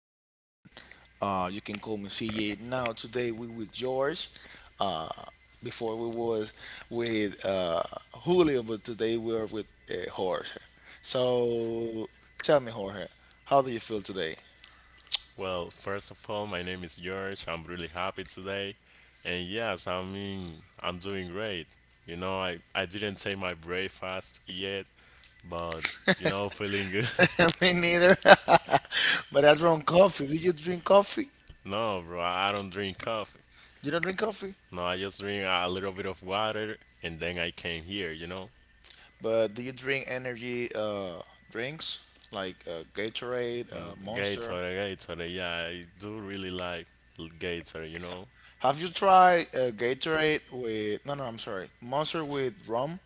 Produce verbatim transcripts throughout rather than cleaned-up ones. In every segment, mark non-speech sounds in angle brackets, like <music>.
name is Kevin. Uh, you can call me C A. Now, today we with George. Uh, before we was with uh, Julio, but today we are with uh, Jorge. So, tell me, Jorge, how do you feel today? Well, first of all, my name is George. I'm really happy today. And yes, I mean, I'm doing great. You know, I, I didn't take my breakfast yet, but, you know, feeling good. <laughs> Me neither. <laughs> But I drunk coffee. Did you drink coffee? <laughs> No, bro, I I don't drink coffee. You don't drink coffee? No, I just drink a little bit of water and then I came here, you know? But do you drink energy uh, drinks like uh, Gatorade, Mm, uh, Monster? Gatorade, Gatorade, yeah, I do really like Gatorade, you know? Have you tried uh, Gatorade with, no, no, I'm sorry, Monster with rum?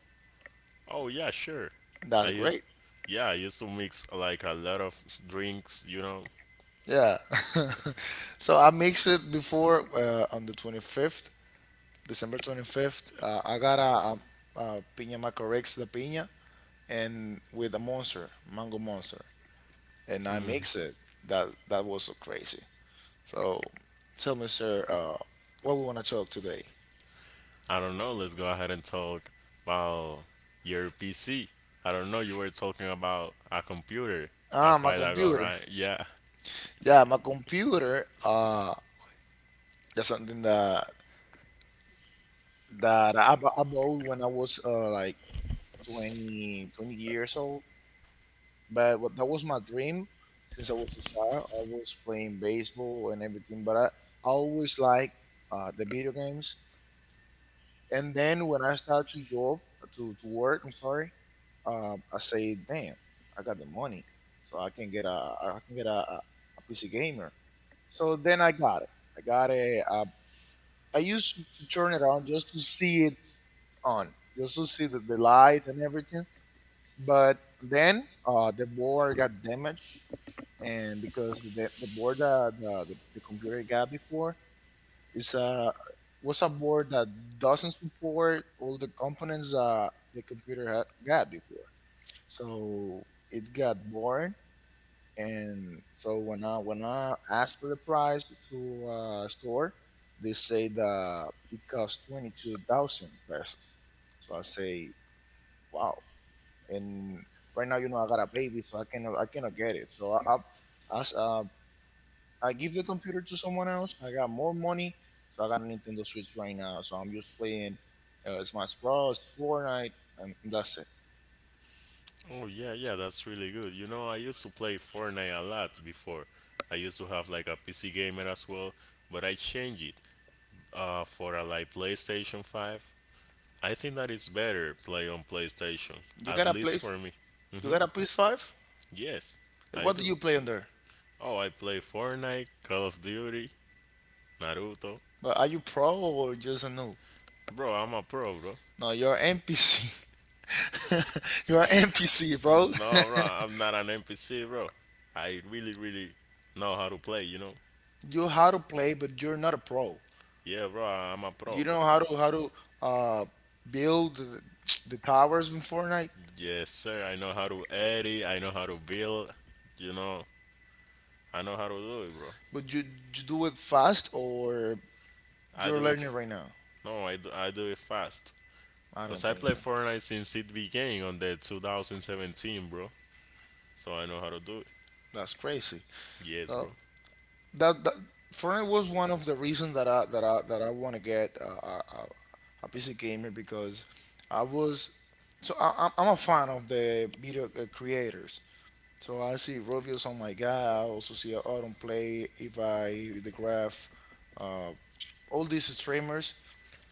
Oh, yeah, sure. I That's used, great. yeah, I used to mix like a lot of drinks, you know? Yeah. <laughs> So I mixed it before uh, on the twenty-fifth, December twenty-fifth. Uh, I got a, um uh piña macorex de piña and with a monster, mango monster. And I mix it. That that was so crazy. So tell me, sir, uh, what we want to talk today? I don't know. Let's go ahead and talk about your P C. I don't know. You were talking about a computer a Ah, my while ago, computer. right? Yeah. Yeah, my computer. Uh, that's something that that I, bu- I bought when I was uh, like 20, twenty years old. But what, that was my dream since I was a child. I was playing baseball and everything, but I, I always liked uh, the video games. And then when I started to job, to, to work, I'm sorry, uh, I say, damn, I got the money. So I can get a, I can get a P C gamer. So then I got it. I got a, uh, I used to turn it on just to see it on, just to see the the light and everything. But then uh, the board got damaged, and because the, the board that uh, the, the computer got before is uh, was a board that doesn't support all the components that the computer had got before. So it got born, and so when I when I asked for the price to uh, store, they said uh, it cost twenty two thousand pesos. So I say, wow, and right now, you know, I got a baby, so i cannot I cannot get it, so i i, I, s- uh, I give the computer to someone else. I got more money, so I got a Nintendo Switch right now, so I'm just playing uh, Smash Bros, Fortnite, and that's it. Oh, yeah, yeah. That's really good. You know, I used to play Fortnite a lot before. I used to have like a P C gamer as well, but I changed it uh, for a like PlayStation five. I think that it's better play on PlayStation, You at got a least place? for me. You Hmm. got a P S five? Yes, I What do do. you play on there? Oh, I play Fortnite, Call of Duty, Naruto. But are you pro or just a noob? Bro, I'm a pro, bro. No, you're npc. <laughs> You're npc, bro. No, bro, I'm not an N P C, bro. I really, really know how to play, you know? <laughs> You how to play, but you're not a pro. Yeah, bro, I'm a Do you pro. know how to how to uh, build the the towers in Fortnite, Yes, sir. I know how to edit. I know how to build. You know, I know how to do it, bro. but you, you do it fast or I you're do it. learning right now? No, I do, I do it fast. I don't Cause I think play so. Fortnite since it began on the two thousand seventeen, bro. So I know how to do it. That's crazy. Yes, So bro. that, that Fortnite was one of the reasons that I that I that I want to get uh, a, a P C gamer because I was, so I, I'm I'm a fan of the video uh, creators. So I see reviews on my guy. I also see Autumn Play, if I the Graph, uh, all these streamers,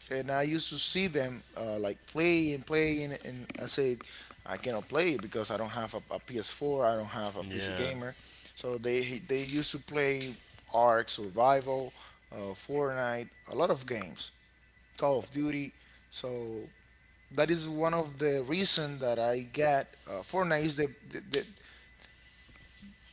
and I used to see them uh, like play and play, and, and I said I cannot play it because I don't have a, P S four, I don't have a P C Yeah. gamer. So they they used to play Ark Survival, uh, Fortnite, a lot of games, Call of Duty. So that is one of the reason that I get uh, Fortnite is the, the, the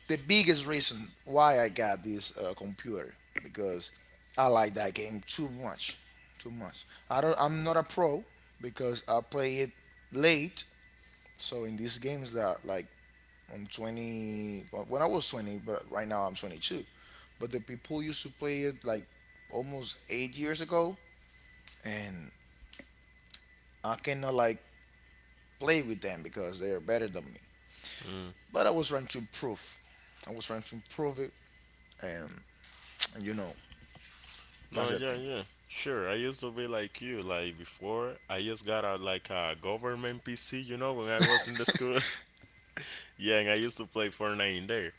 the biggest reason why I got this uh, computer because I like that game too much, too much. I don't. I'm not a pro because I play it late. So in these games that like I'm twenty, well, when I was twenty, but right now I'm twenty-two. But the people used to play it like almost eight years ago, and I cannot like play with them because they're better than me. But I was trying to improve. I was trying to improve it, and, and you know, No, that's the yeah, thing. yeah. Sure, I used to be like you. Like before, I just got a like a government P C, you know, when I was in the school. <laughs> Yeah, and I used to play Fortnite in there,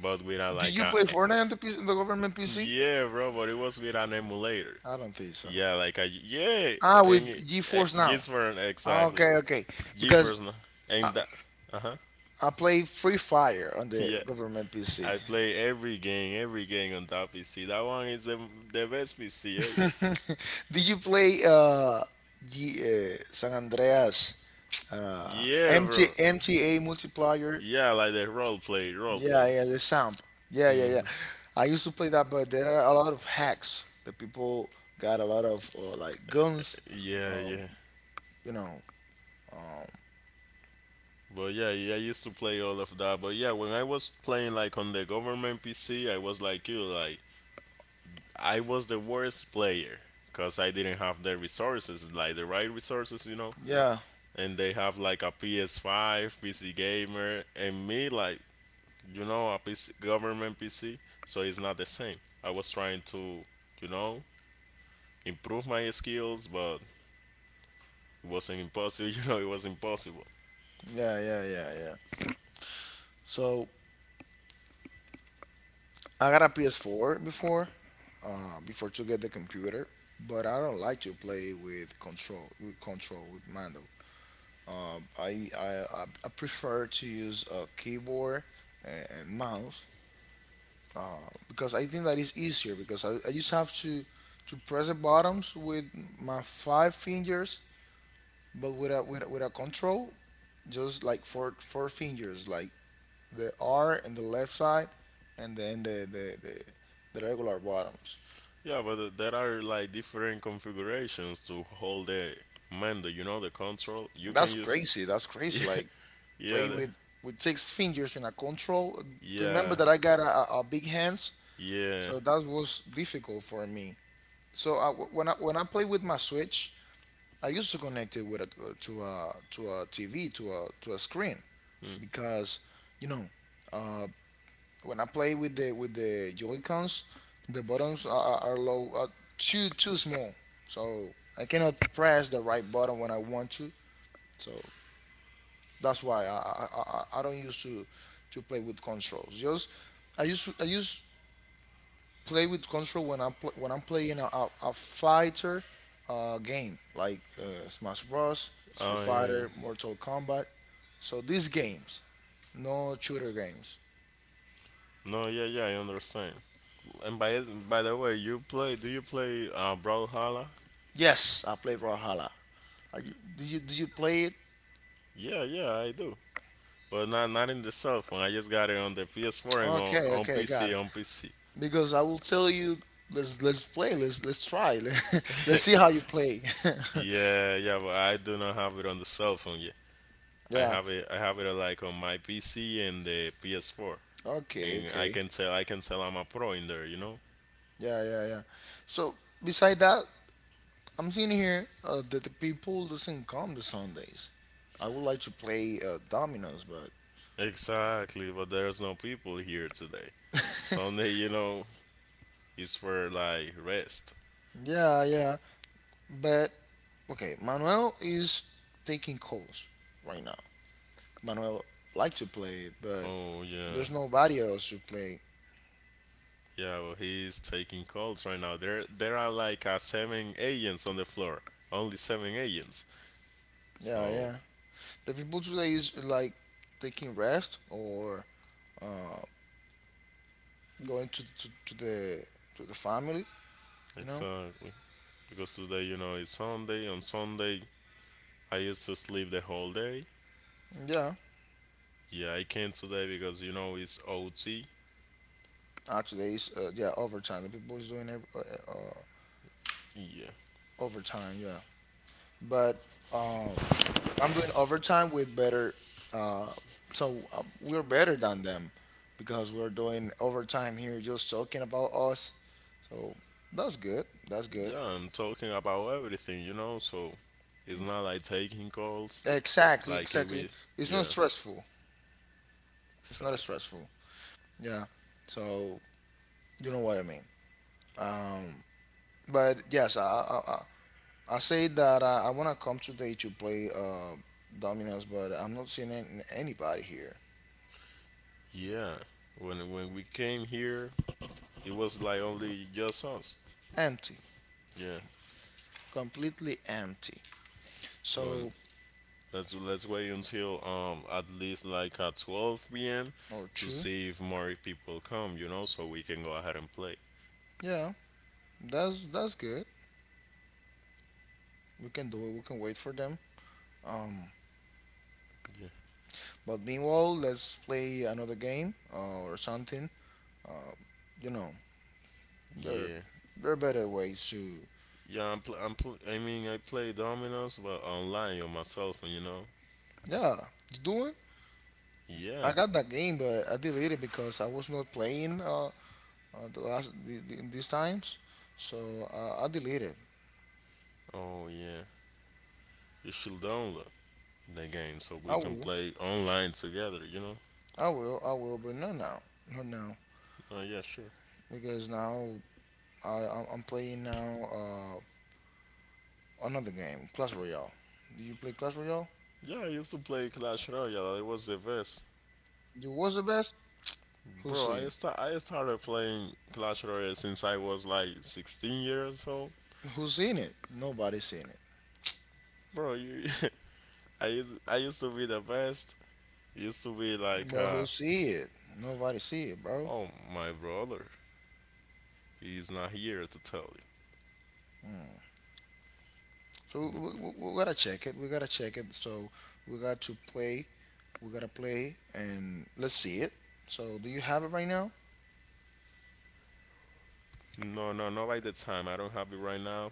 but with a Do like you a play eh, Fortnite on the, P- on the government P C? yeah, bro. But it was with an emulator. I don't think so. Yeah, like a yeah, Ah, with and it- eh, GeForce Now. just for an Ah, exactly. okay, okay. Because GeForce no. I, And that. Uh huh. <laughs> I play Free Fire on the Yeah, government P C. I play every game, every game on that P C. That one is the, the best P C. Eh? <laughs> Did you play uh, G, uh San Andreas Yeah, uh, bro. MT, M T A multiplier? Yeah, like that role play, role play. Yeah, yeah, the samp. Yeah, yeah, yeah. Mhm. I used to play that, but there are a lot of hacks. The people got a lot of uh, like guns. Yeah, Um, yeah. you know, um, But yeah, yeah, I used to play all of that. But yeah, when I was playing like on the government P C, I was like you, like I was the worst player because I didn't have the resources, like the right resources, you know. yeah. And they have like a P S five, P C gamer, and me like you know a P C, government P C, so it's not the same. I was trying to you know improve my skills, but it wasn't impossible, <laughs> you know, it was impossible. Yeah, yeah, yeah, yeah. So I got a P S four before, uh, before to get the computer, but I don't like to play with control, with control, with mando. I I, I I prefer to use a keyboard and, and mouse uh, because I think that is easier because I, I just have to to press the buttons with my five fingers, but with a with a, with a control, just like four four fingers, like the R in the left side, and then the the, the, the regular bottoms. Yeah, but uh, there are like different configurations to hold the mando, you know, the control. You can That's use. crazy. That's <laughs> Yeah, crazy. Like yeah, play the- with with six fingers in a control. Remember yeah, that I got a, a a big hands, yeah. so that was difficult for me. So I, when I when I play with my Switch, I used to connect it with a, to a to a T V, to a to a screen, Mm. because you know. uh, when I play with the with the Joy Cons, the buttons are, are low, are too too small, so I cannot press the right button when I want to. So that's why I I, I, I don't used to to play with controls. Just I use I use play with control when I'm pl- when I'm playing a, a, a fighter uh, game like uh, Smash Bros, Street Oh, yeah, yeah. Fighter, Mortal Kombat. So these games, no shooter games. No, yeah, yeah, I understand. And by by the way, you play? Do you play uh, Brawlhalla? Yes, I played Valhalla. Are you, do you do you play it? Yeah, yeah, I do. But not not in the cell phone. I just got it on the P S four and on, Okay, on okay, got P C. it. On P C. Because I will tell you, let's let's play. Let's let's try. <laughs> Let's see how you play. <laughs> Yeah, yeah, but I do not have it on the cell phone yet. I <laughs> Yeah. have it. I have it uh, like on my P C and the P S four, Okay. and I Okay. can tell. I can tell I'm a pro in there. You know Yeah, yeah, yeah. So beside that, I'm seeing here uh, that the people doesn't come to Sundays. I would like to play uh, dominoes, but exactly. But there's no people here today. Sunday, you know, is for like rest. yeah, yeah. But okay, Manuel is taking calls right now. Manuel like to play it, but Oh yeah, there's nobody else to play. yeah. Well, he's taking calls right now. There, there are like uh, seven agents on the floor. Only seven agents. Yeah, So yeah. The people today is like taking rest or uh, going to, to, to the to the family. You know. exactly, because today, you know, it's Sunday. On Sunday, I used to sleep the whole day. Yeah. Yeah, I came today because you know it's O T. Uh, today's uh, yeah, overtime. The people is doing every, uh, uh, Yeah. overtime. Yeah. But um, I'm doing overtime with better. Uh, so um, we're better than them because we're doing overtime here, just talking about us. So that's good. That's good. Yeah, I'm talking about everything, you know, so it's not like taking calls. Exactly, Like it we exactly. It's yeah. not stressful. It's not Exactly. stressful. Yeah. So you know what I mean. Um, but yes, I I, I, I say that I, I want to come today to play uh, dominoes, but I'm not seeing an- anybody here. Yeah. When when we came here it was like only just us. Empty, Yeah. completely empty. But So let's let's wait until um at least like at twelve p m or to two. see if more people come, you know, so we can go ahead and play. Yeah, that's that's good. We can do it. We can wait for them. Um, Yeah. but meanwhile, let's play another game uh, or something. Uh, you know, There, Yeah. there are better ways to. Yeah, I'm. Pl- I'm. Pl- I mean, I play dominoes, but online on my cell phone. You know. Yeah, you doing? Yeah. I got that game, but I deleted it because I was not playing uh, uh the last the, the, these times, so uh, I deleted it. Oh yeah. You should download the game so we I can will, play online together. You know. I will, I will, but not now, not now, Oh yeah, sure. because now I I'm I'm playing now uh another game, Clash Royale. Do you play Clash Royale? Yeah, I used to play Clash Royale. It was the best, You was the best. Who bro. see I it? sta- I started playing Clash Royale since I was like sixteen years old, Who seen it? Nobody seen it. bro. You, <laughs> I used I used to be the best. Used to be like, Bro, uh, who see it? Nobody see it, bro. oh my brother, he's not here to tell So we, you. we, we we gotta check it. We gotta check it. So we got to play. We gotta play, and let's see it. So do you have it right now? No, no, not by the time. I don't have it right now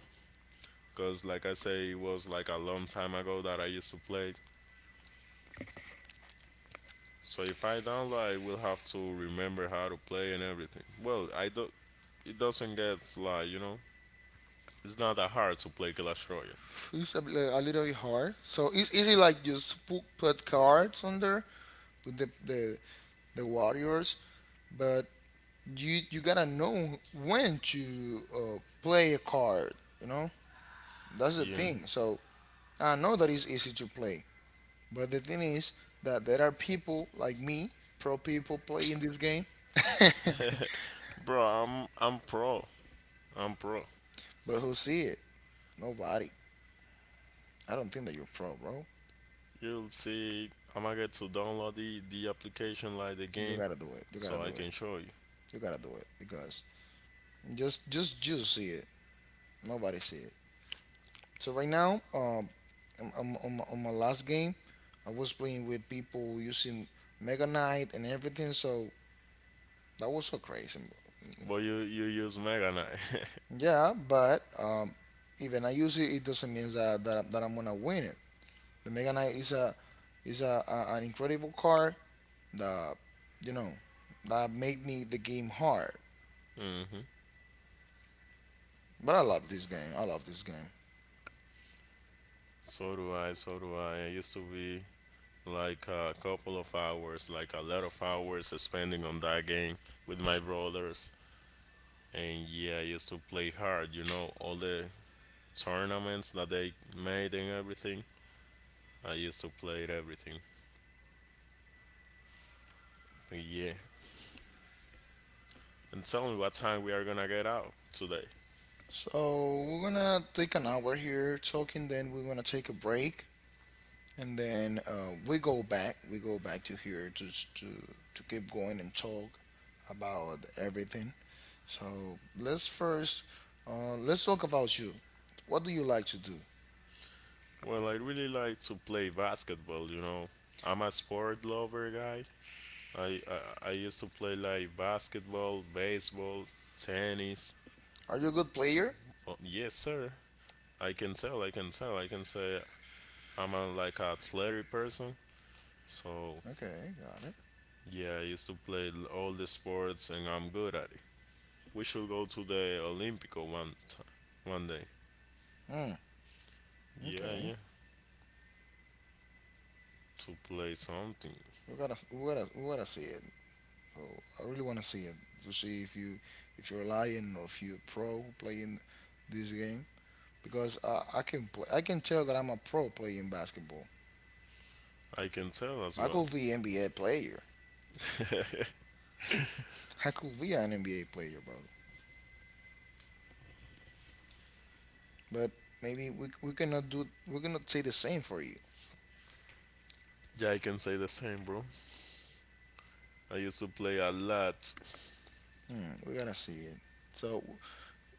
because, like I say, it was like a long time ago that I used to play. So if I download, I will have to remember how to play and everything. Well, I do. It doesn't get like you know. It's not that hard to play Clash Royale. It's a, li- a little bit hard. So it's easy, like just put, put cards under with the, the the warriors, but you you gotta know when to uh, play a card. You know, that's the Yeah, thing. So I know that it's easy to play, but the thing is that there are people like me, pro people, playing this game. <laughs> bro. I'm I'm pro. I'm pro. But who see it? Nobody. I don't think that you're pro, bro. You'll see. I'm gonna get to download the the application like the You game gotta do it. You gotta so I do it. can show you. You gotta do it because just just you see it. Nobody see it. So right now, um, I'm, I'm, on, my, on my last game, I was playing with people using Mega Knight and everything. So that was so crazy. But you you use Mega Knight. Yeah, but um, even I use it, it doesn't mean that, that that I'm gonna win it. The Mega Knight is a is a, a an incredible card. The, you know, that made me the game hard. <laughs> But I love this game. I love this game. So do I, so do I. I used to be like a couple of hours, like a lot of hours spending on that game with my brothers. And yeah, I used to play hard, you know, all the tournaments that they made and everything. I used to play it, everything. But yeah. And tell me what time we are gonna get out today. So we're gonna take an hour here talking. Then we're gonna take a break, and then uh, we go back. We go back to here to to to keep going and talk about everything. So let's first uh, let's talk about you. What do you like to do? Well, I really like to play basketball, you know. I'm a sport lover guy. I, I, I used to play like basketball, baseball, tennis. Are you a good player? Oh, yes, sir. I can tell. I can tell. I can say I'm a, like a athletic person. So Okay, got it. yeah, I used to play l- all the sports, and I'm good at it. We should go to the Olympico one time, one day. Hmm. Yeah, Okay, yeah. To play something, we gotta we gotta we gotta see it. So I really want to see it to see if you if you're a lion or if you're a pro playing this game because uh, I can play, I can tell that I'm a pro playing basketball. I can tell as I well. could be an N B A player. <laughs> I could be an N B A player, bro. But maybe we we're gonna do we're gonna say the same for you. Yeah, I can say the same, bro. I used to play a lot. Hmm, we're gonna see it. So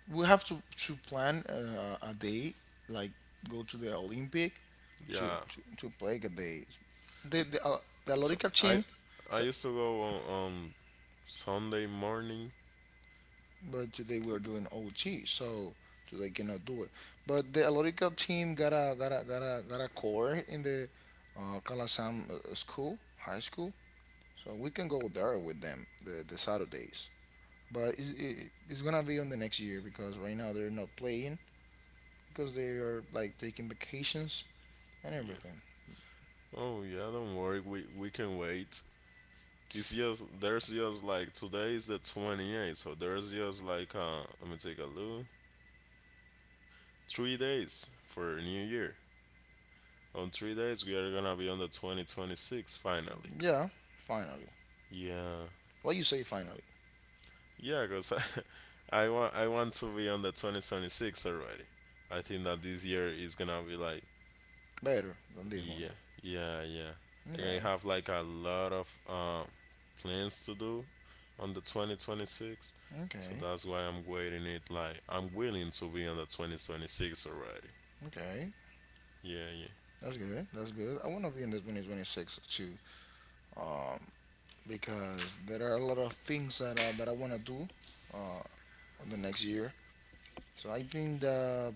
we have to to plan uh, a day like go to the Olympic to Yeah. to, to play a day. The the, uh, the So Lorica I team. I used to go on, on Sunday morning. But today we are doing O T, so today cannot do it. But the Alorica team got a got a got a got a core in the uh, Kalasam uh, school, high school, so we can go there with them the the Saturdays. But it's, it, it's gonna be on the next year because right now they're not playing because they are like taking vacations and Yeah. everything. Oh yeah, don't worry. We we can wait. It's just there's just like today is the twenty-eighth, so there's just like uh let me take a look. Three days for New Year. On three days we are gonna be on the twenty twenty-six finally. Yeah, finally. Yeah, What you say? Finally, yeah, cause <laughs> I, I want I want to be on the twenty twenty-six already. I think that this year is gonna be like, better than this one. yeah, yeah, yeah. And I have like a lot Okay, of um plans to do on the twenty twenty-six. So okay. that's why I'm waiting it, like I'm willing to be on the twenty twenty-six already. Okay, Yeah, yeah. that's good. That's good. I want to be in the two thousand twenty-six too, um, because there are a lot of things that I, that I want to do uh, on the next year. So I think that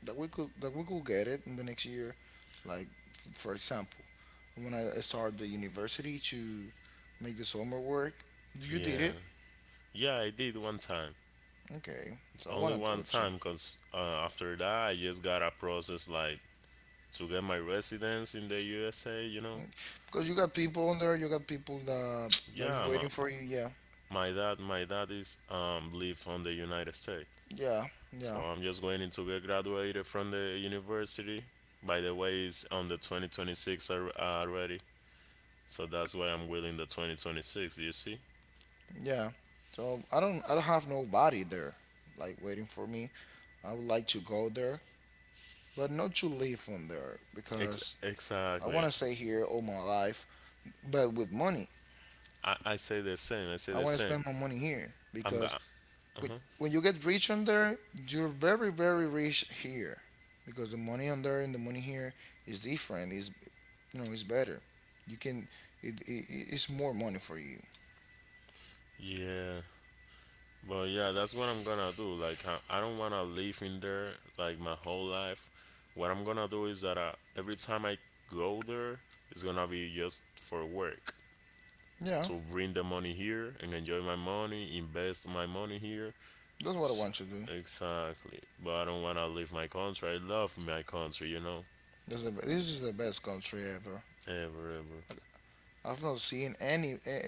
that we could that we could get it in the next year. Like f- for example, when I start the university to make the summer work, you did Yeah. it. Yeah, I did one time. Okay, so I Only want to do one it too. time cuz uh, after that I just got a process like to get my residence in the U S A, you know. Mm. Because you got people on there, you got people that that is Yeah, my waiting for you. Yeah, my dad my dad is um live on the United States. yeah, So yeah, I'm just going to get graduated from the university. By the way, it's on the twenty twenty-six al- uh, already. So that's why I'm willing the twenty twenty-six, you see? yeah. So I don't, I don't have nobody there, like waiting for me. I would like to go there, but not to live on there Ex- because I exactly. want to stay here all my life, but with money. I, I say the same. I say I the want to same. spend my money here I'm because gonna. Uh When, huh. when you get rich on there, you're very, very rich here because the money on there and the money here is different. Is you know, it's better. You can, it, it, it's more money for you. Yeah. But yeah, that's what I'm gonna do. Like, I, I don't wanna live in there like my whole life. What I'm gonna do is that I, every time I go there, it's gonna be just for work, Yeah, to bring the money here and enjoy my money, invest my money here. that's what I S- want to do. Exactly. But I don't want to leave my country. I love my country, you know? That's the, this is the best country ever. Ever, ever. I, I've not seen any, eh,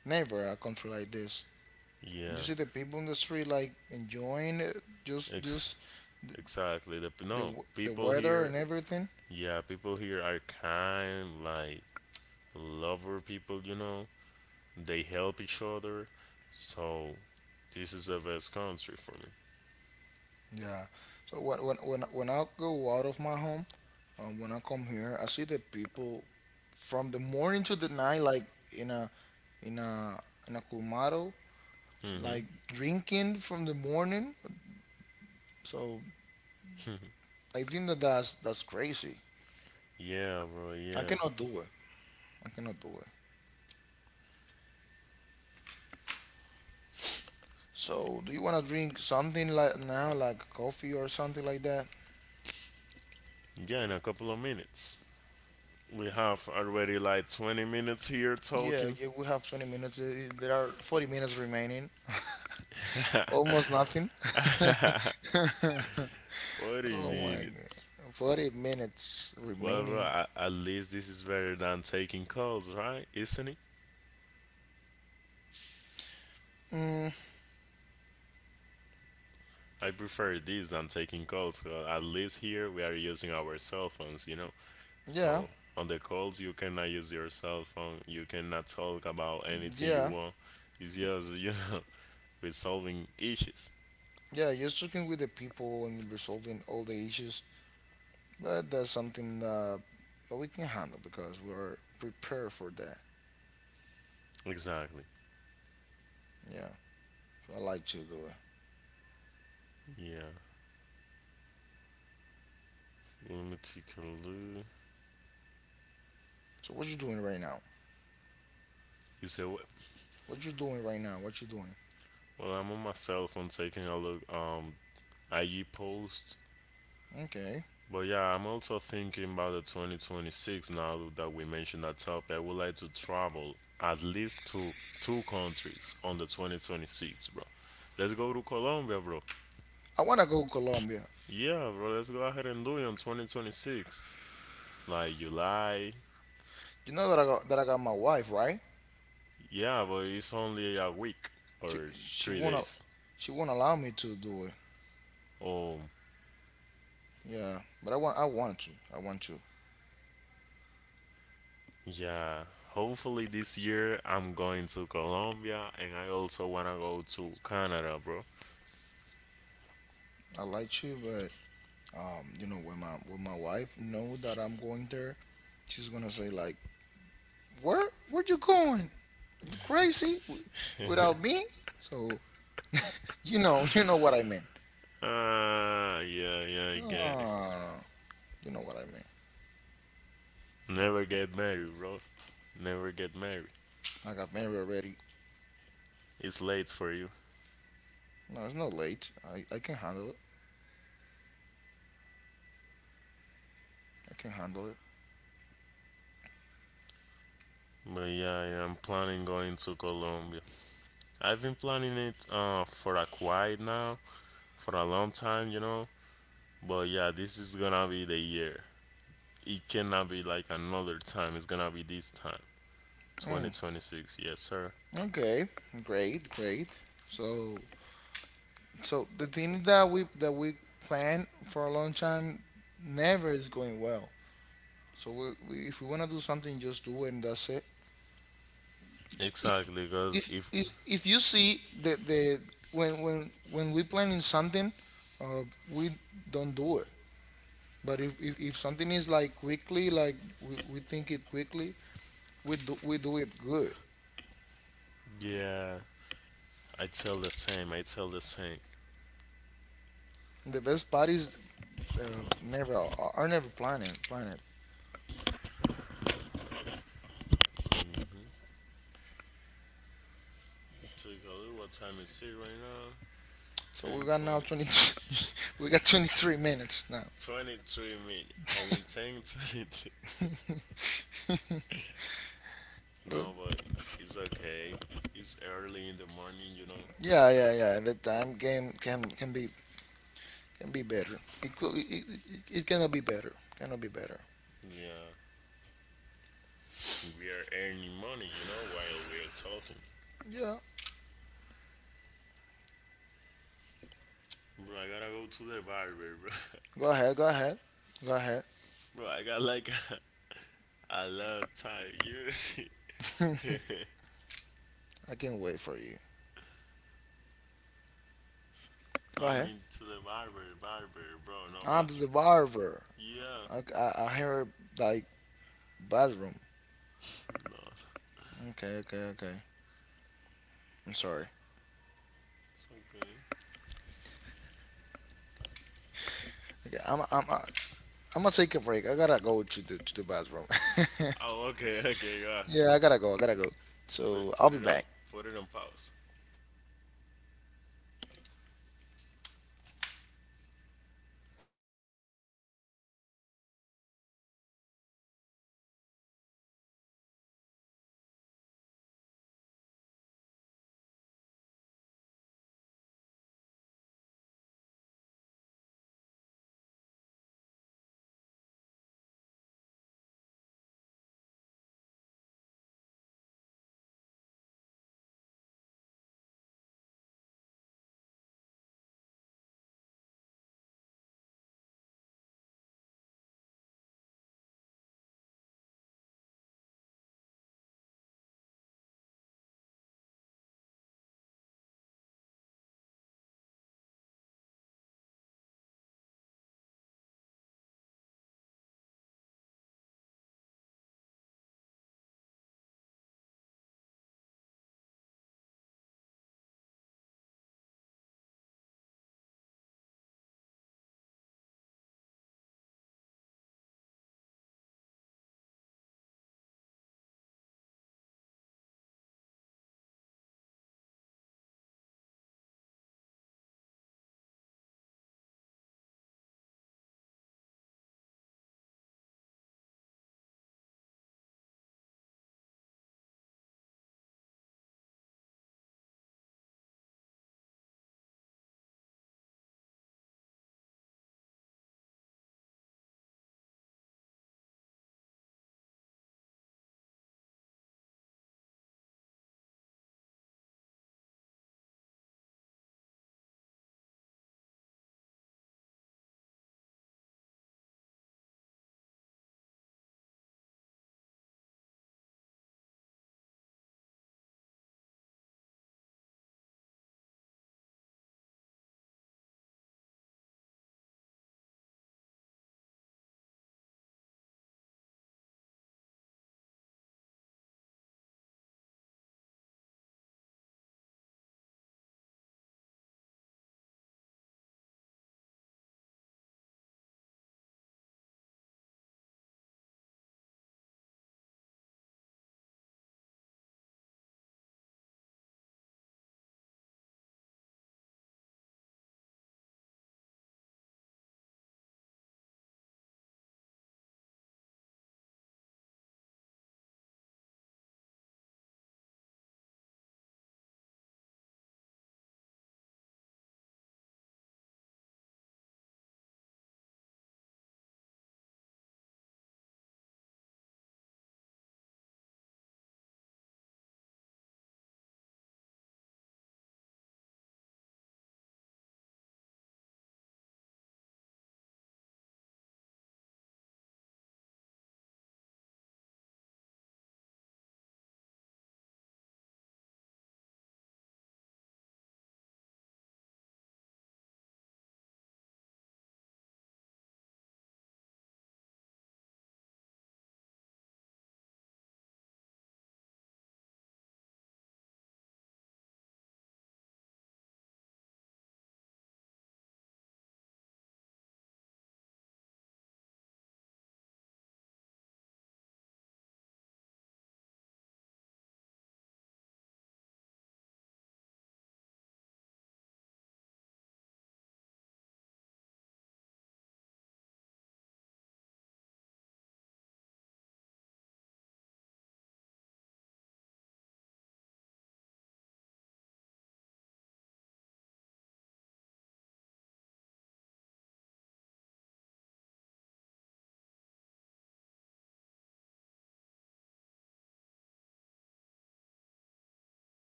never a country like this. You Yeah. see the people in the street like enjoying it, just, Ex- just the, exactly. The, p- the, no, w- the people weather here, and everything. yeah, people here are kind, like lover people, you know? They help each other. So, this is the best country for me. Yeah. So when, when, when, when I go out of my home, um, when I come here, I see the people from the morning to the night, like in a in a in a colmado, Mm hmm like drinking from the morning. So I think that that's that's crazy. Yeah, bro, I yeah. cannot do it. I cannot do it. So do you wanna drink something like now, like coffee or something like that? Yeah, in a couple of minutes. We have already like twenty minutes here Yeah, talking. yeah. We have twenty minutes. Uh, There are forty minutes remaining. <laughs> Almost nothing. <laughs> forty Oh my minutes. god. forty minutes Well, bro, remaining. a- at least this is better than taking calls, right? Isn't it? Mm, I prefer this than taking calls. uh, At least here we are using our cell phones, you know? yeah, So, on the calls, you cannot use your cell phone. You cannot talk about anything you yeah, want. It's just, you know, <laughs> resolving issues. yeah. You're talking with the people and resolving all the issues, but that's something that, that we can handle because we are prepared for that. Exactly. Yeah, so I like to do it. Yeah. Let me take a look. So what you doing right now? You say, What you doing right now? What you doing? well, I'm on my cell phone taking a look, um I E post, Okay. but yeah, I'm also thinking about the twenty twenty-six now that we mentioned that topic. I would like to travel at least to two countries on the twenty twenty-six, bro. Let's go to Colombia, bro. I wanna go to Colombia. Yeah, bro, let's go ahead and do it on twenty twenty-six. Like July. You know that I got that I got my wife, right? Yeah, but it's only a week She or she three wanna days. she won't allow me to do it. Oh, Yeah, but I want I want to. I want to. yeah, hopefully this year I'm going to Colombia, and I also wanna go to Canada, bro. I like to, um, you know, when my when my wife know that I'm going there, she's gonna say like, "Where where you going? Are you crazy W- without me?" So, <laughs> you know, you know what I meant. Ah, yeah, yeah, I get it. Ah, you know what I meant. Never get married, bro. Never get married. I got married already. It's late for you. No, it's not late. I I can handle it. I can handle it. But yeah, yeah, I'm planning going to Colombia. I've been planning it uh for a quiet now, for a long time, you know. But yeah, this is gonna be the year. It cannot be like another time. It's gonna be this time. Mm, twenty twenty-six, yes, sir. okay, great, great. So, so the thing that we that we planned for a long time never is going well. So we, we, if we wanna do something, just do it and that's it. Exactly, because if if if if you see the the when when when we planning something, uh, we don't do it. But if, if, if something is like quickly, like we, we think it quickly, we do we do it good. yeah, I tell the same. I tell the same. The best part is uh, never are are never planning planning. Mm-hmm. Take a look, what time is it right now? So we Ten got now twenty. twenty, <laughs> we got twenty three minutes now. <laughs> twenty-three minutes. I mean ten, <laughs> twenty-three. Well, No, but it's okay. It's early in the morning, you know. yeah, yeah, yeah. The time game can can be can be better. It could, it, it, it cannot be better. Cannot be better. Yeah, we are earning money, you know, while we are talking. Yeah. Bro, I gotta go to the barber, bro. Go ahead. Go ahead. Go ahead. <laughs> Bro, I got like a, a lot of time. You <laughs> see? I can wait for you. No, Go I ahead. mean to the barber, barber, bro. No I'm the bathroom. barber. Yeah. I, I, I hear like bathroom. No, Okay. Okay. Okay. I'm sorry. it's okay. Okay. I'm I'm I'm gonna take a break. I gotta go to the to the bathroom. <laughs> Oh, okay, okay, all right. Yeah. I gotta go. I gotta go. So Put I'll put be it on back. put it on pause.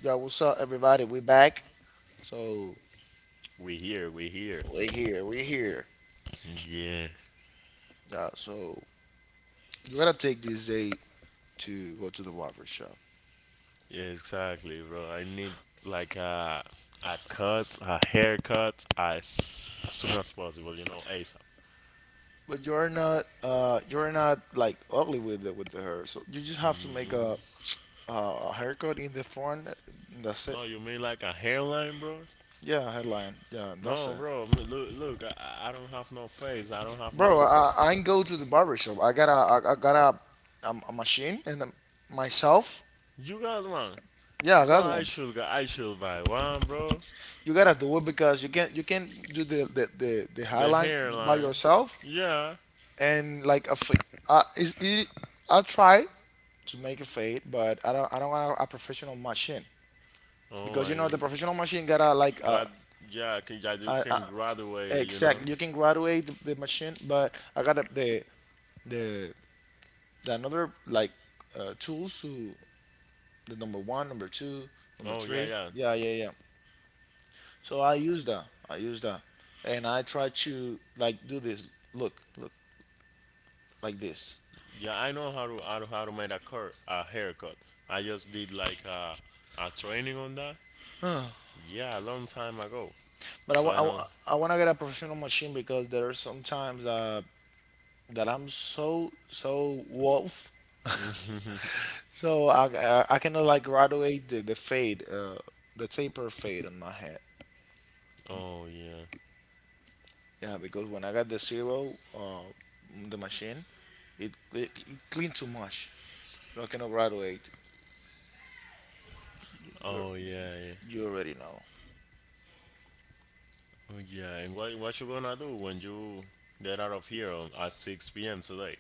Yeah. What's up, everybody? We back. So We here, we here. we here. We here. Yeah, Yeah. So you gotta take this day to go to the barber shop. yeah, exactly, bro. I need like a a cut, a haircut as as soon as possible. You know, ASAP. But you're not uh you're not like ugly with it with the hair. So you just have to make a a haircut in the front. That's it. No, you mean like a hairline, bro? Yeah, headline. Yeah, that's No, it. bro. m- Look, look. I, I don't have no face. I don't have Bro, nothing. I I can go to the barber shop. I got a I, I got a, um, a machine and um, myself. You got one, Yeah, I bro. got I one. should g- I should buy one, bro. You gotta do it because you can't you can't do the the the, the The hairline by hairline. yourself. Yeah. And like a, fi- uh, is it, I try to make it fade, but I don't I don't want a professional machine Oh because my you know god. the professional machine gotta like uh, Glad, yeah, can, I do uh, uh can graduate it, you know. exact you can graduate the, the machine, but I got the the the another like uh, tools to the number one, number two, number Oh yeah, three. yeah, Yeah, yeah, yeah. So I use that. I use that, and I try to like do this. Look, look like this. yeah. I know how to how to, how to make a cur a haircut. I just did like a a training on that. Yeah, a long time ago. But I So want I I, know. wa- I want to get a professional machine because there are sometimes uh that I'm so so wolf, so I I, I cannot like graduate the, the fade, uh, the taper fade on my head. Oh yeah. Yeah, because when I got the zero, uh, the machine, it it, it clean too much, so I cannot graduate. You Oh yeah. Yeah. you already know. Oh yeah. And what what you gonna do when you get out of here on, at six p m today?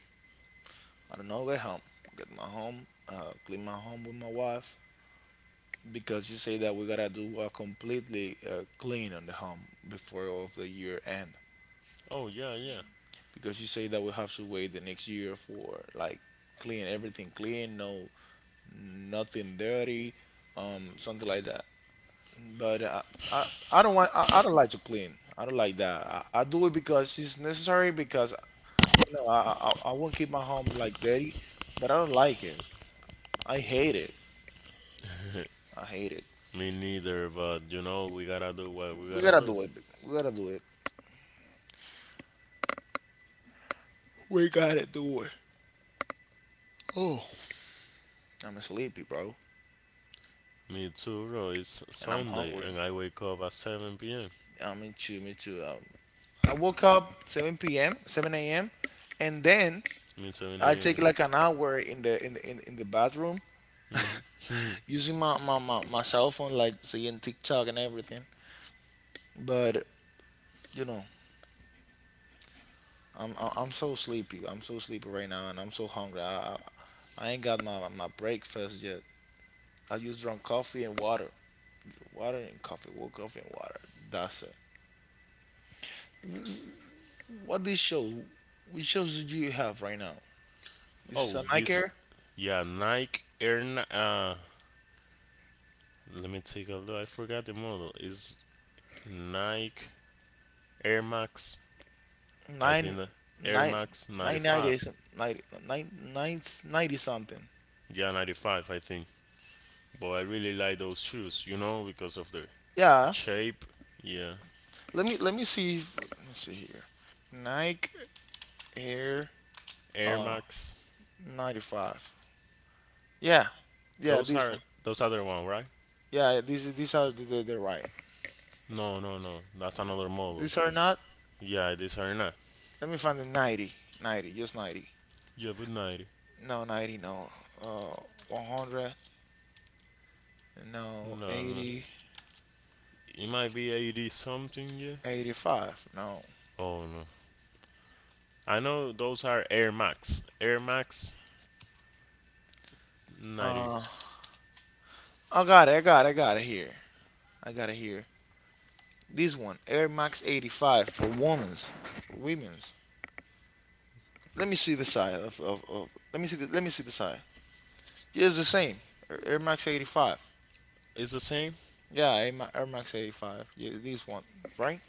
I don't know. Get home, get my home, uh, clean my home with my wife. Because you say that we gotta do a completely uh, clean on the home before of the year end. Oh yeah, yeah. Because you say that we have to wait the next year for like clean everything, clean, no nothing dirty, um something like that. But i i, I don't want, I, I don't like to clean. I don't like that I, I do it because it's necessary because you know, i i, I won't keep my home like dirty, but I don't like it. I hate it. I hate it. Me neither. But you know we gotta do what we We gotta gotta do. do it. We gotta do it. We gotta do it. Oh, I'm sleepy, bro. Me too, bro. It's And I'm Sunday hungry. and I wake up at seven p m. Yeah, me too, me too. Um, I woke up seven p m, seven a m, and then I mean 7 I take a.m. like an hour in the in the in, in the bathroom using my, my, my, my cell phone, like seeing TikTok and everything. But you know, I'm I- I'm so sleepy. I'm so sleepy right now, and I'm so hungry. I I, I ain't got my my breakfast yet. I just drunk coffee and water, water and coffee, well, coffee and water. That's it. What this show? Which shows do you have right now? This is Oh, a this, nightcare. yeah, Nike Air. Ni- Uh, let me take a look. I forgot the model. It's Nike Air Max. I Nine think the Air nine Max nine ninety ninety-five. some- ninety nine nine ninety something. Yeah, ninety-five, I think. But I really like those shoes, you know, because of their Yeah. shape. Yeah, Let me let me see. If, let me see here. Nike Air Air uh Max. ninety five. Yeah. Yeah. Those This are one. those other one, right? Yeah. These these are the, the, the right. No, no, no. That's another model. These are not. Yeah, these are not. Let me find the ninety. ninety. Just ninety. Yeah, but ninety. No ninety. No. Uh, one hundred. No. No, no. eighty. It might be eighty something, yeah. eighty-five. No. Oh, no. I know those are Air Max. Air Max ninety. Uh, I got it. I got it. I got it here. I got it here. This one, Air Max eighty-five for women's, for women's. Let me see the size of, of, of let me see the, let me see the size. Yeah, it's the same. Air- Max eighty-five. Is the same? Yeah, Air Max eighty-five. Yeah, this one, right?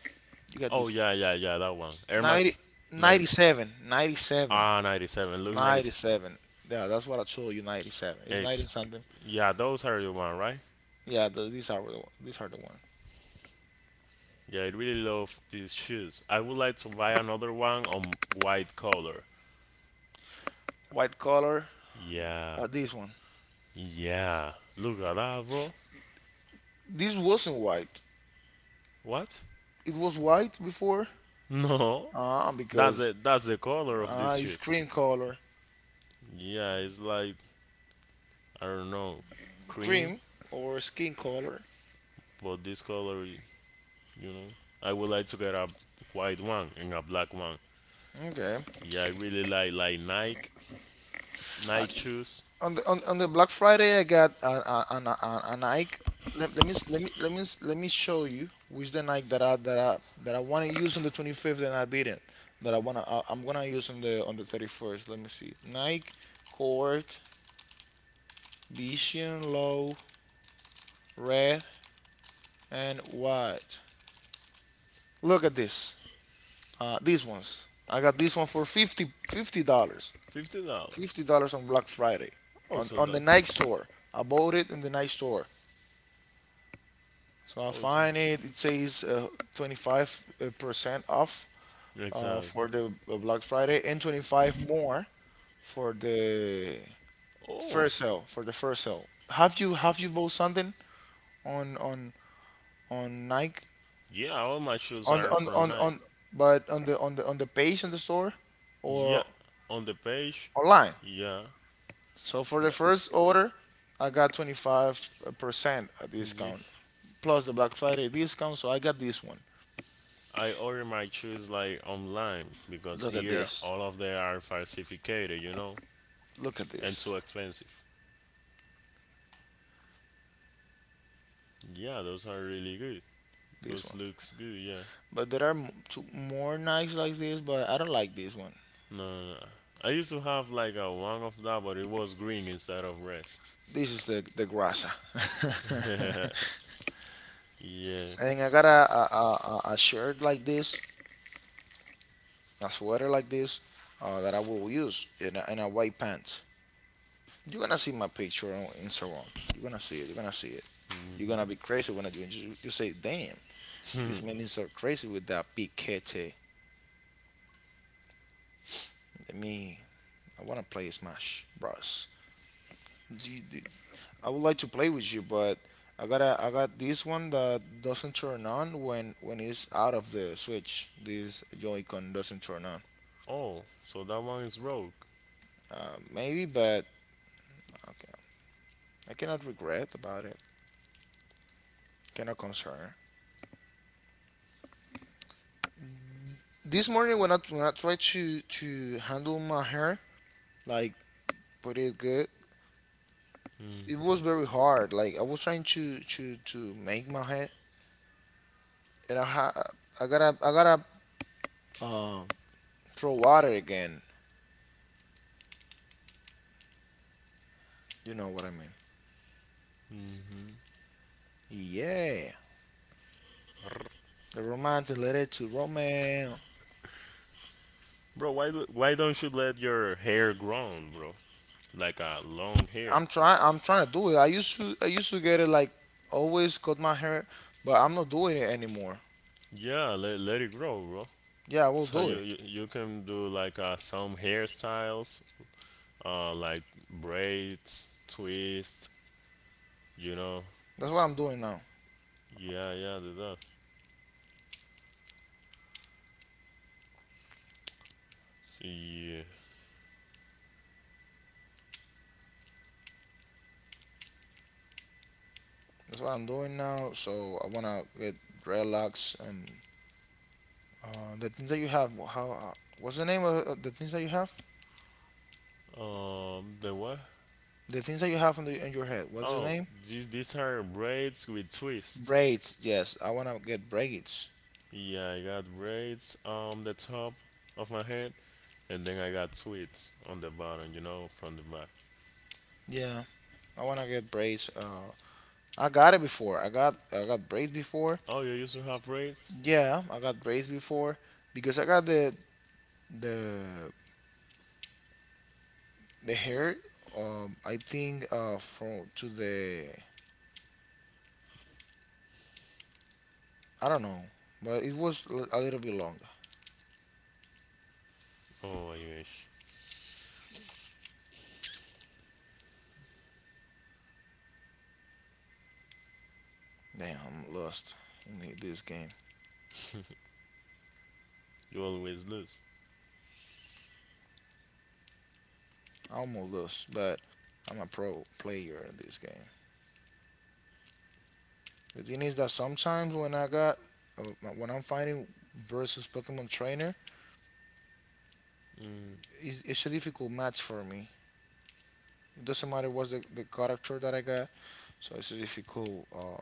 You got Oh, this yeah, yeah, yeah, that one. one. Air ninety, Max ninety. ninety-seven, ninety-seven, Ah, ninety-seven. Look, ninety-seven. Yeah, that's what I told you. ninety-seven. It's ninety ninety-six. something. Yeah, those are the one, right? Yeah, the, these are the these are the one. Yeah, I really love these shoes. I would like to buy another one on white color. White color. Yeah, Uh, this one. yeah. Look at that, bro. This wasn't white. What? It was white before. No. Ah, That's because the that's the color of ah, these it's shoes. cream color. Yeah, it's like I don't know, cream, Cream or skin color. but this color, you know, I would like to get a white one and a black one. Okay. Yeah, I really like like Nike Nike shoes. On the on, on the Black Friday, I got a a an, a a Nike. Let, let me s- let me let me s- let me show you which the Nike that I that I that I want to use on the twenty-fifth and I didn't. That I wanna I, I'm gonna use on the on the thirty-first. Let me see. Nike Court Vision, Low, Red, and White. Look at this. Uh, these ones. I got this one for fifty dollars. Fifty dollars. Fifty dollars on Black Friday, on Also on the that. Nike store. I bought it in the Nike store, so I Also. find it. It says twenty five percent off uh, Exactly. for the uh, Black Friday, and twenty five more for the Oh. first sale. For the first sale, have you have you bought something on on on Nike Yeah, all my shoes on are on from on, Nike. on but on the on the on the page in the store, Yeah, or on the page. online? Yeah. So for the Th- first order, I got twenty-five percent yeah. discount plus the Black Friday discount. So I got this one. I order my shoes like online because Look at here this. all of them are falsificated, you know, Look at and this. too expensive. Yeah, those are really good. This Those one. looks good. Yeah. But there are m- two more knives like this, but I don't like this one. No, no. No. I used to have like a one of that, but it was green instead of red. This is the the grasa. <laughs> Yeah. <laughs> And I got a a, a a a shirt like this, a sweater like this, uh, that I will use, and a, and a white pants. You're gonna see my picture on Instagram. You're gonna see it. You're gonna see it. You're gonna be crazy when I do it. You, you say, "Damn, this man is so crazy with that piquete." Let me I want to play Smash Bros. Do you- do- I would like to play with you, but I gotta I got this one that doesn't turn on when when it's out of the Switch. This Joy-Con doesn't turn on. Oh, so that one is broke. Uh, maybe, but okay. I cannot regret about it. Cannot concern. This morning when I when I tried to to handle my hair, like put it good, it was very hard. Like I was trying to to to make my hair, and I ha- I gotta I gotta uh, throw water again. You know what I mean? Mm-hmm. Yeah, the romantic letter to Romeo. Bro, why do- why don't you let your hair grow, bro? Like a long hair. I'm trying. I'm trying to do it. I used to. I used to get it like always cut my hair, but I'm not doing it anymore. Yeah, let, let it grow, bro. Yeah, I will So do you, it. you you can do like uh, some hairstyles, uh, like braids, twists, you know. That's what I'm doing now. Yeah, yeah, the that. See, That's what I'm doing now. So I wanna get dreadlocks and uh, the things that you have. wh- How? Uh, what's the name of uh, the things that you have? um, the what? The things that you have in, the, in your head. What's the Oh, name? these these are braids with twists. Braids. Yes, I wanna get braids. Yeah, I got braids on the top of my head, and then I got twists on the bottom, you know, from the back. Yeah, I wanna get braids. Uh, I got it before. I got I got braids before. Oh, you used to have rates? Yeah, I got braids before because I got the the the hair. Um, I think uh from to the I don't know, but it was l- a little bit longer. Oh, I wish. Damn, I'm lost in the, this game. You always lose. I'm lost, but I'm a pro player in this game. The thing is that sometimes when I got uh, when I'm fighting versus Pokemon trainer, Mm, it's, it's a difficult match for me. It doesn't matter what's the, the character that I got. So it's a difficult uh,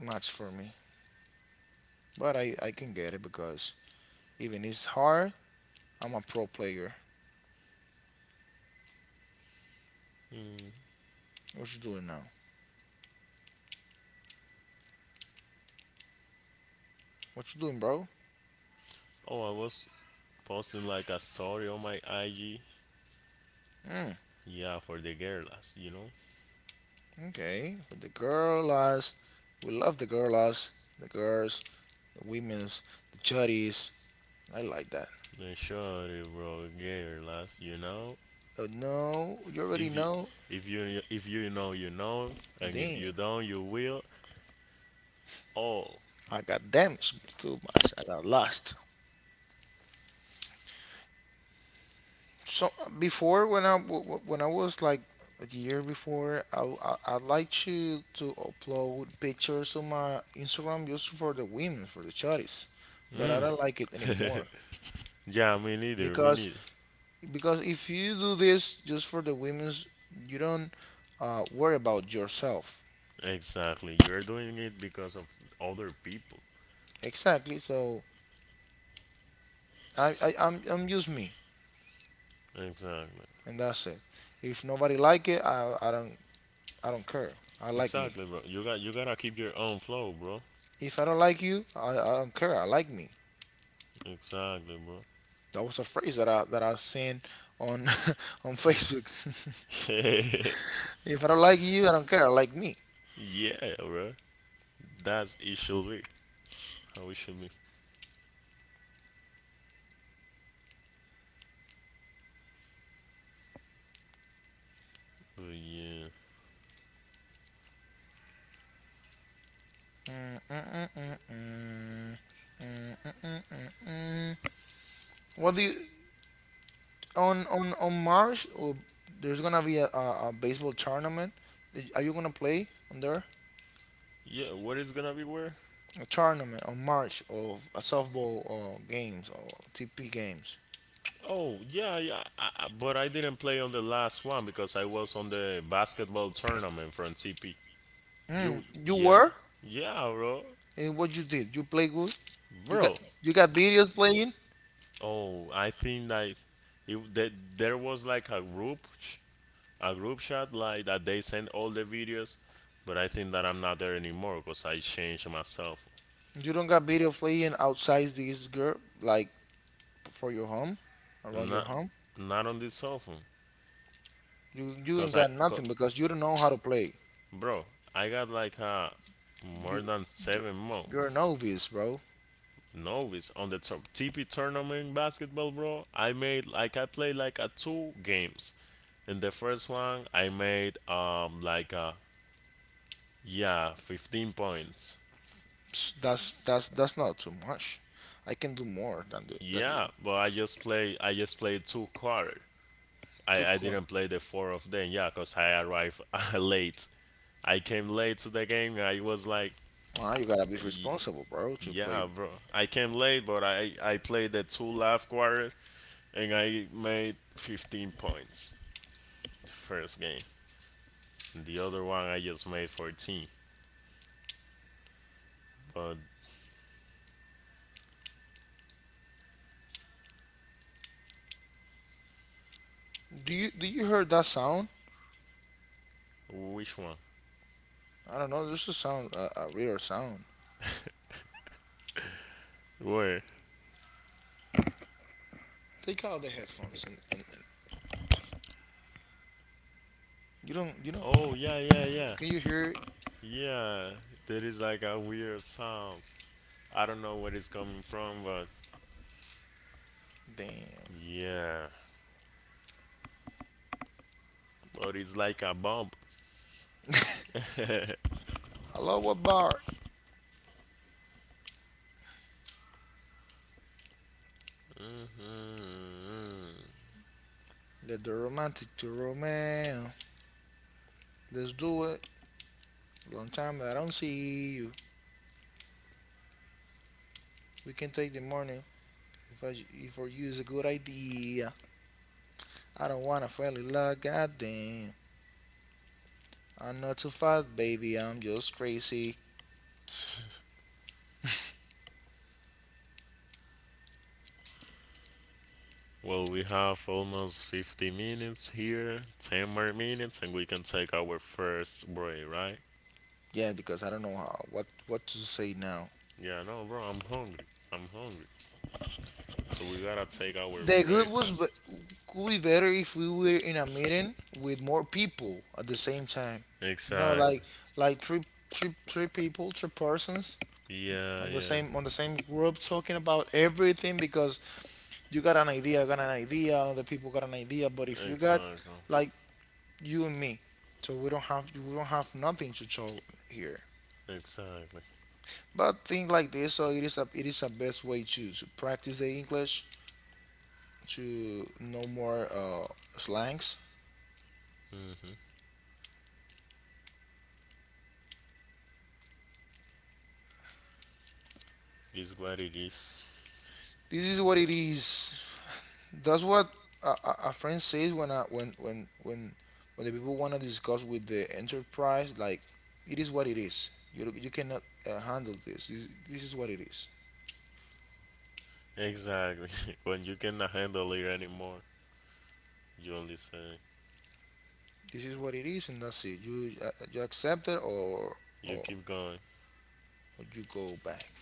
match for me. But I, I can get it because even it's hard, I'm a pro player. mm. What you doing now? What you doing, bro? Oh, I was posting like a story on my I G. Mm, Yeah, for the girls, you know. okay. With the girl. We love the girl. The girls, the women's, the chuddies. I like that. The shorty bro, girls, you know. So no, you already If you, know. if you, if you know, you know, and if you Damn, don't, you will. Oh, I got damaged too much. I got lost. So before when I w- w- when I was like a year before, I I, I like to to upload pictures on my Instagram just for the women, for the chotties, but I mm. don't like it <laughs> anymore, Yeah, me neither, me because neither. because if you do this just for the women's, you don't uh, worry about yourself. Exactly, you're doing it because of other people. Exactly. So I, I I'm I'm just me, Exactly, and that's it. If nobody like it, I I don't I don't care. I like me. exactly, bro. You got, you gotta keep your own flow, bro. If I don't like you, I, I don't care. I like me. Exactly, bro. That was a phrase that I that I seen on <laughs> on Facebook. <laughs> <laughs> If I don't like you, I don't care. Like me. Yeah, bro. That's it should be how it should be. But yeah, Mm-mm. What do you on on on March? Oh, there's gonna be a, a, a baseball tournament. Are you gonna play on there? yeah. What is gonna be where? A tournament on March of a softball uh, games, or T P games. Oh yeah, yeah. I, I, but I didn't play on the last one because I was on the basketball tournament from T P. Mm, You you yeah, were yeah, bro, and what you did? You play good. You got bro. you got videos playing. Oh, I think like if that there was like a group, sh- a group chat, like that they sent all the videos, but I think that I'm not there anymore because I changed myself. You don't got video playing outside this girl, like for your home, around your Not home. not on this cell phone. You you Cause ain't I, got co- nothing because you don't know how to play. bro, I got like uh more You than you- seven you're a months novice, bro. novice on the top T P tournament basketball, bro. I made like I played like a two games. In the first one, I made um like uh yeah fifteen points. Psst, That's that's that's not too much. I can do more than the, than Yeah, you. but I just play I just played two quarter. I, Too I cool. didn't play the four of them, yeah, cause I arrived <laughs> late. I came late to the game. I was like, Ah, you gotta be responsible, bro, to play. yeah, bro. I came late, but I I played the two left quarter, and I made fifteen points the first game. The other one I just made fourteen. But Do you do you hear that sound? which one? I don't know. There's a sound, a, a weird sound. Where? Take out the headphones, and, and, and, you don't, you know? Oh yeah, yeah, yeah, Can you hear it? yeah. There is like a weird sound. I don't know where it's coming from, but Damn. yeah, but it's like a bump. <laughs> Hello, what bar? Mm. Let the romantic to romance. Let's do it. Long time that I don't see you. We can take the morning if I if for you is a good idea. I don't wanna fall in love, goddamn. I'm not too fast, baby. I'm just crazy. Well, we have almost fifty minutes here, ten more minutes, and we can take our first break, right? Yeah, because I don't know how what what to say now. Yeah, no, bro, I'm hungry. I'm hungry. So we gotta take our The good was be- breakfast. could be better if we were in a meeting with more people at the same time. No, Exactly. like like three three three people, three persons Yeah, on the yeah. same on the same group talking about everything, because you got an idea, I got an idea, other people got an idea. But if you got Exactly. like you and me, so we don't have we don't have nothing to show here. Exactly. But things like this, so it is a it is a best way to, to practice the English, to know more uh, slangs. Mm-hmm. Is what it is. This is what it is. That's what a, a a friend says when I when when when when the people want to discuss with the enterprise, like it is what it is. You you cannot uh, handle this. this. This is what it is. Exactly. <laughs> When you cannot handle it anymore. You only say, This is what it is, and that's it. You uh, you accept it, or or you or keep going. you go back.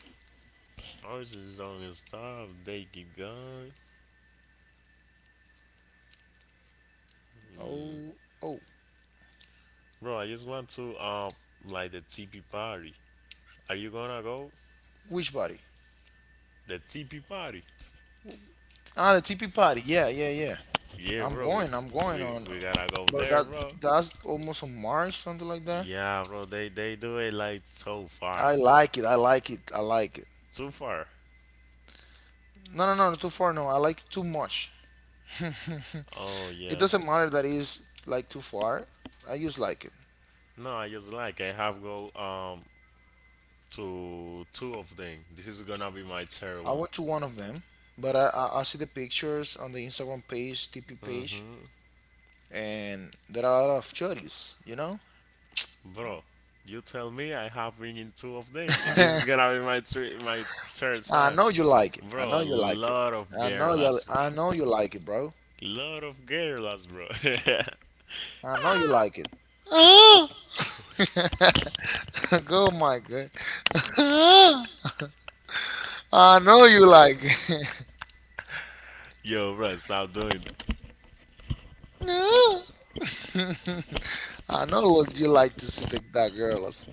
Ours is don't stop, they keep going. Oh, oh. Bro, I just want to, um, like the T P party. Are you gonna go? Which party? The T P party. Ah, the tp party. Yeah, yeah, yeah. Yeah, i'm bro, we, going I'm going we, on, we gotta go but there, that bro. that's almost on March, something like that. Yeah, bro, they, they do it like so I far. like it, I like it, I like it. Too far. No, no, no, too far. No, I like it too much. <laughs> Oh, It yeah. doesn't matter that it's like too far. I just like it. No, I just like, I have go, um, to two of them. This is gonna be my third I one. went to one of them, but I, I, I see the pictures on the Instagram page, T P page, Mm-hmm. and there are a lot of churros, you know? Bro, you tell me I have winning two of them. And this is <laughs> gonna be my three, my third I time. know you like it. I know Bro, a you like it. lot of I know you girls, bro. I know you like it, bro. Lot of girls, bro. <laughs> I know you like it. Ah! <laughs> Go, my God. Ah! <laughs> I know you like it. <laughs> Yo, bro, stop doing that. Ah! <laughs> I know what you like, to see the, that girl. as-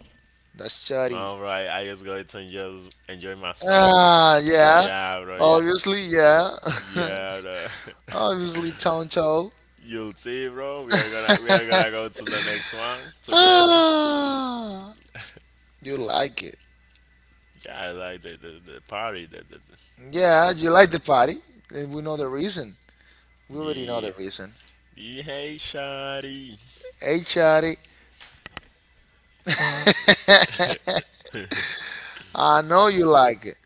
That shawty. No, bro, I, I just going to enjoy, enjoy myself. Ah, yeah. Yeah, bro, yeah. Obviously, yeah. Yeah, bro. <laughs> Obviously, Choncho. <laughs> You'll see, bro. We are gonna we are gonna <laughs> go to the next one together. Ah, you like it. Yeah, I like the the, the party. The, the, the Yeah, you like the party. And we know the reason. We already know yeah. the reason. Yeah, hey, shawty. Hey, Charlie. <laughs> I know you like it.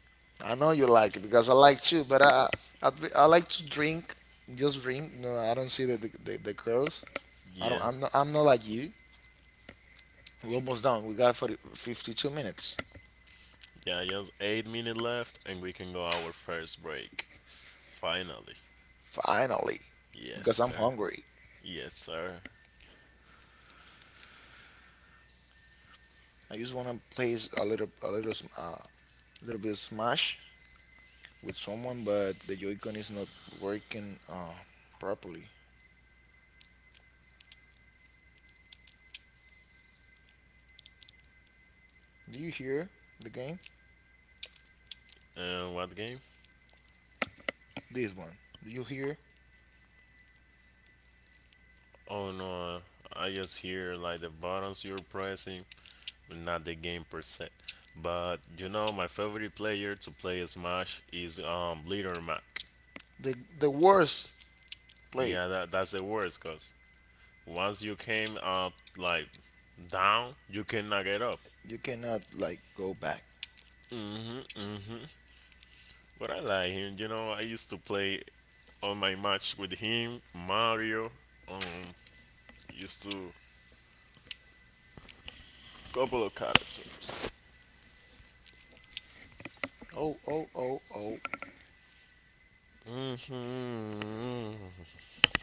I know you like it because I like too, but I, I, I like to drink, just drink. No, I don't see the, the, the, the girls. I Yeah. don't, I'm not, I'm not like you. We're almost done. We got forty, fifty-two minutes. Yeah, just eight minutes left, and we can go our first break. Finally. Finally. Yes, Because I'm sir. hungry. Yes, sir. I just want to play a little, a little, sm- uh, little bit of Smash with someone, but the Joy-Con is not working uh, properly. Do you hear the game? Uh, what game? This one. Do you hear Oh no, uh, I just hear like the buttons you're pressing, but not the game per se. But you know, my favorite player to play Smash is um Leader Mac. the the worst play? Yeah, that, that's the worst, cause once you came up like down, you cannot get up. You cannot, like, go back. But I like him. You know, I used to play on my match with him, Mario. Um, used to couple of characters. Oh, oh, oh, oh. hmm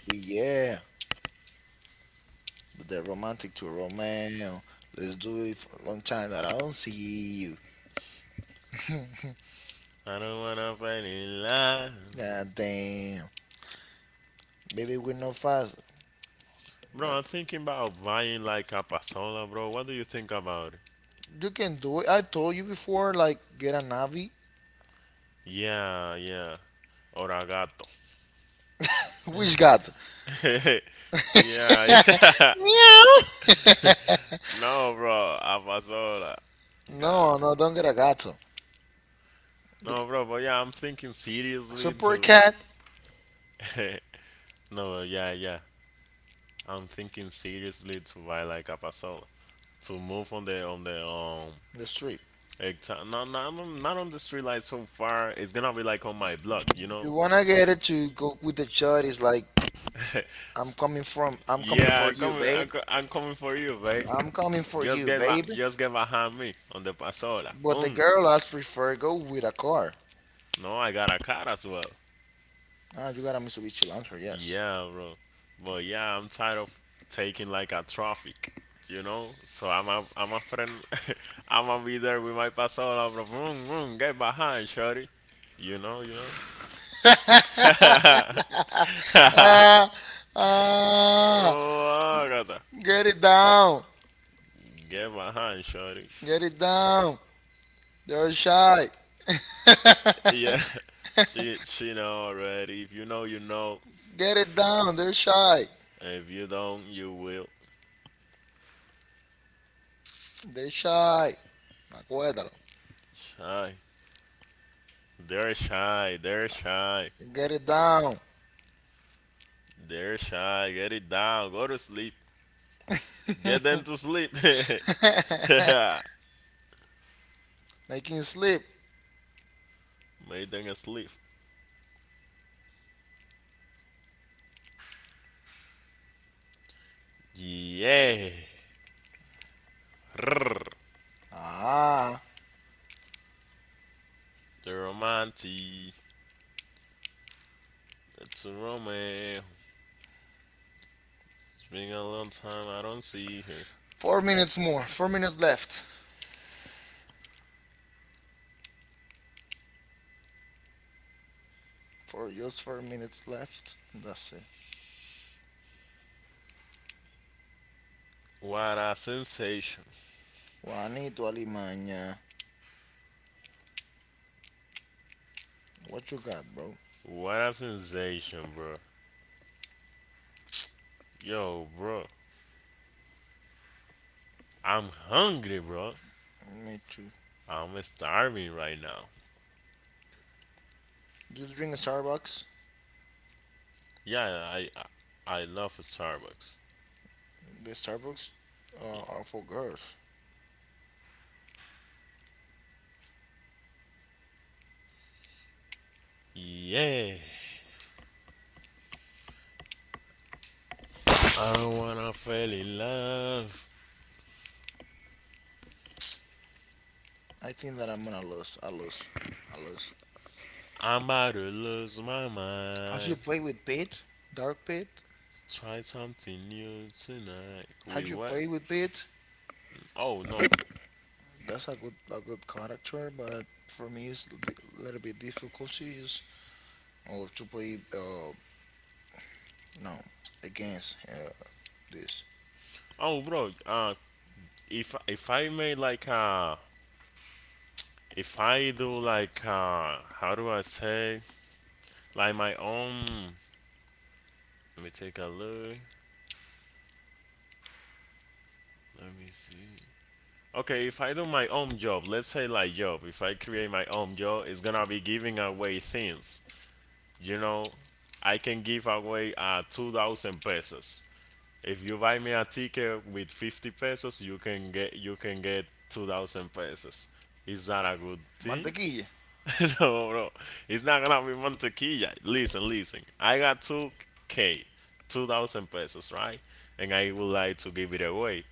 Yeah, the romantic to Romeo. Let's do it, for a long time that I don't see you. I don't wanna fight in line. God damn, baby, we're not fast. Bro, God, I'm thinking about buying like a pasola, bro. What do you think about it? you can do it. I told you before, like get a Navi. Yeah, yeah. Oragato. <laughs> Which God? <laughs> Yeah, <laughs> yeah. Meow. <laughs> No, bro. A pasola. <laughs> God. No, no, don't get a gato. The No, bro, but yeah, I'm thinking seriously super too. cat <laughs> No, uh, yeah, yeah. I'm thinking seriously to buy like a parcel to move on the on the um. in the street. Hectare. No, no, I'm- I'm not on the street light so far. It's gonna be like on my block, you You know. wanna get it to go with the chud, is like <laughs> I'm coming from I'm coming Yeah, for I'm you, coming. I'm, babe. co- I'm coming for you, babe. I'm coming for Just you, get my, babe. just get behind me on the pasola. But the Boom. girl has prefer go with a car. No, I got a car as well. Ah, you got a Mitsubishi Lancer, yes. Yeah, bro. But yeah, I'm tired of taking like a traffic, you know? So I'm a, I'm a friend. <laughs> I'm gonna be there with my pasola, bro. Vroom, vroom, get behind, shorty. You know, you know? <laughs> Ah, ah, Oh, God. get it down, Get behind, shorty. get it down. They're shy. Yeah. <laughs> She, she know already. If you know, you know. Get it down. They're shy. If you don't, you will. They're shy. Acuérdalo. Shy. They're shy. They're shy. Get it down. They're shy. Get it down. Go to sleep. Get them to sleep. <laughs> Make <laughs> them Making you sleep. asleep. Yeah. Rrr. Ah, The romantic. It's a romance. It's been a long time I don't see her. four minutes more. Four minutes left. Four, just four minutes left. That's it. What a sensation. Juanito Alimaña. What you got, bro? What a sensation, bro. Yo, bro. I'm hungry, bro. Me too. I'm starving right now. Do you drink a Starbucks? Yeah, I I, I love Starbucks. The Starbucks uh, are for girls. Yeah. I don't wanna fall in love. I think that I'm gonna lose. I lose. I lose. I'm about to lose my Have you mind. played with Pete? Dark Pete? Try something new tonight. Have With you what? played with Pete? Oh no. That's a good a good character, but for me it's a little bit difficult to use or to play, uh, no, against uh, this Oh bro. Uh, if if I made like uh, if I do like uh, how do I say like my own? Let me take a look. Let me see. Okay, if I do my own job, let's say like job. If I create my own job, it's gonna be giving away things. You know, I can give away uh two thousand pesos. If you buy me a ticket with fifty pesos, you can get you can get two thousand pesos. Is that a good thing? mantequilla. <laughs> No, bro. It's not gonna be mantequilla. Listen, listen. I got two k, two thousand pesos, right? And I would like to give it away.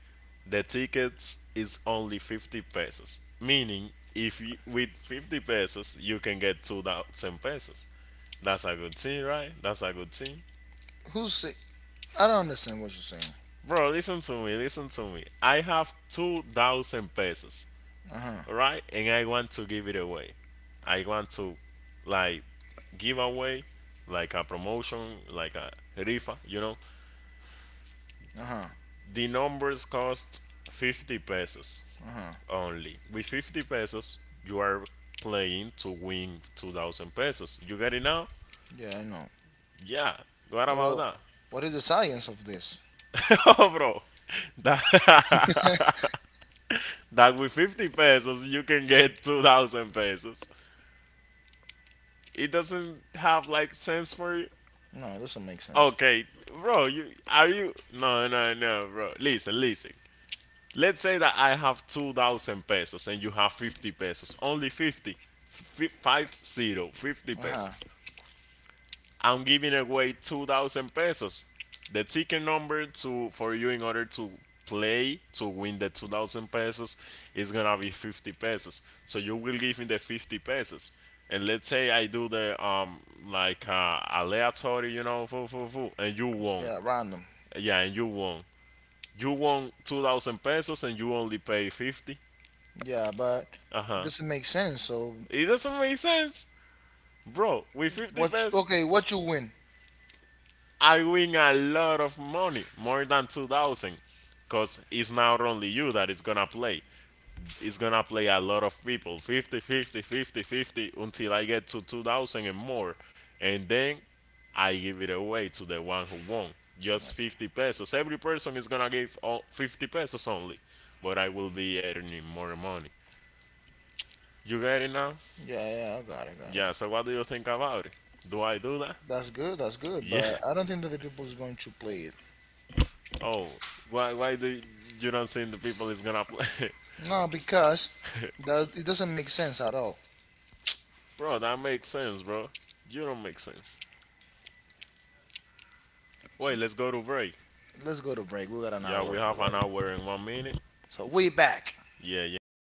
The tickets is only fifty pesos. Meaning, if you, with fifty pesos, you can get two thousand pesos. That's a good thing, right? That's a good thing. Who's say? I don't understand what you're saying. Bro, listen to me, listen to me. I have two thousand pesos, Uh huh. alright? And I want to give it away. I want to, like, give away, like a promotion, like a rifa, you know? Uh huh. The numbers cost fifty pesos Uh huh. only. With fifty pesos, you are playing to win two thousand pesos. You get it now? Yeah, I know. Yeah. What But about uh, that? what is the science of this? <laughs> Oh, bro. <laughs> That- that with fifty pesos you can get two thousand pesos. It doesn't have like sense for you. No, it doesn't make sense. Okay, bro, you are you no, no, no, bro. Listen, listen. Let's say that I have two thousand pesos and you have fifty pesos only fifty, F- five zero, fifty Uh huh. pesos. I'm giving away two thousand pesos. The ticket number to for you in order to play to win the two thousand pesos is gonna be fifty pesos. So you will give me the fifty pesos. And let's say I do the um like uh, aleatory, you know, foo, foo, foo, and you won. Yeah, random. Yeah, and you won. You won two thousand pesos and you only pay fifty. Yeah, but Uh it huh. doesn't make sense. So It doesn't make sense, bro. With fifty what? you- pesos. Okay, what you win? I win a lot of money, more than two thousand because it's not only you that is gonna play. It's gonna play a lot of people. 50, 50, 50, 50 until I get to two thousand and more, and then I give it away to the one who won. Just fifty pesos every person is gonna give. fifty pesos only, but I will be earning more money. You get it now? Yeah, yeah. I got it. Got it. Yeah. So what do you think about it? Do I do that? That's good. That's <laughs> good. Yeah. But I don't think that the people is going to play it. Oh, why why do you don't think the people is gonna play? No, because that it doesn't make sense at all. <laughs> Bro, that makes sense, bro. You don't make sense. Wait, let's go to break. Let's go to break. We got an Yeah, hour we have an already. hour and one minute. So we back. Yeah, yeah.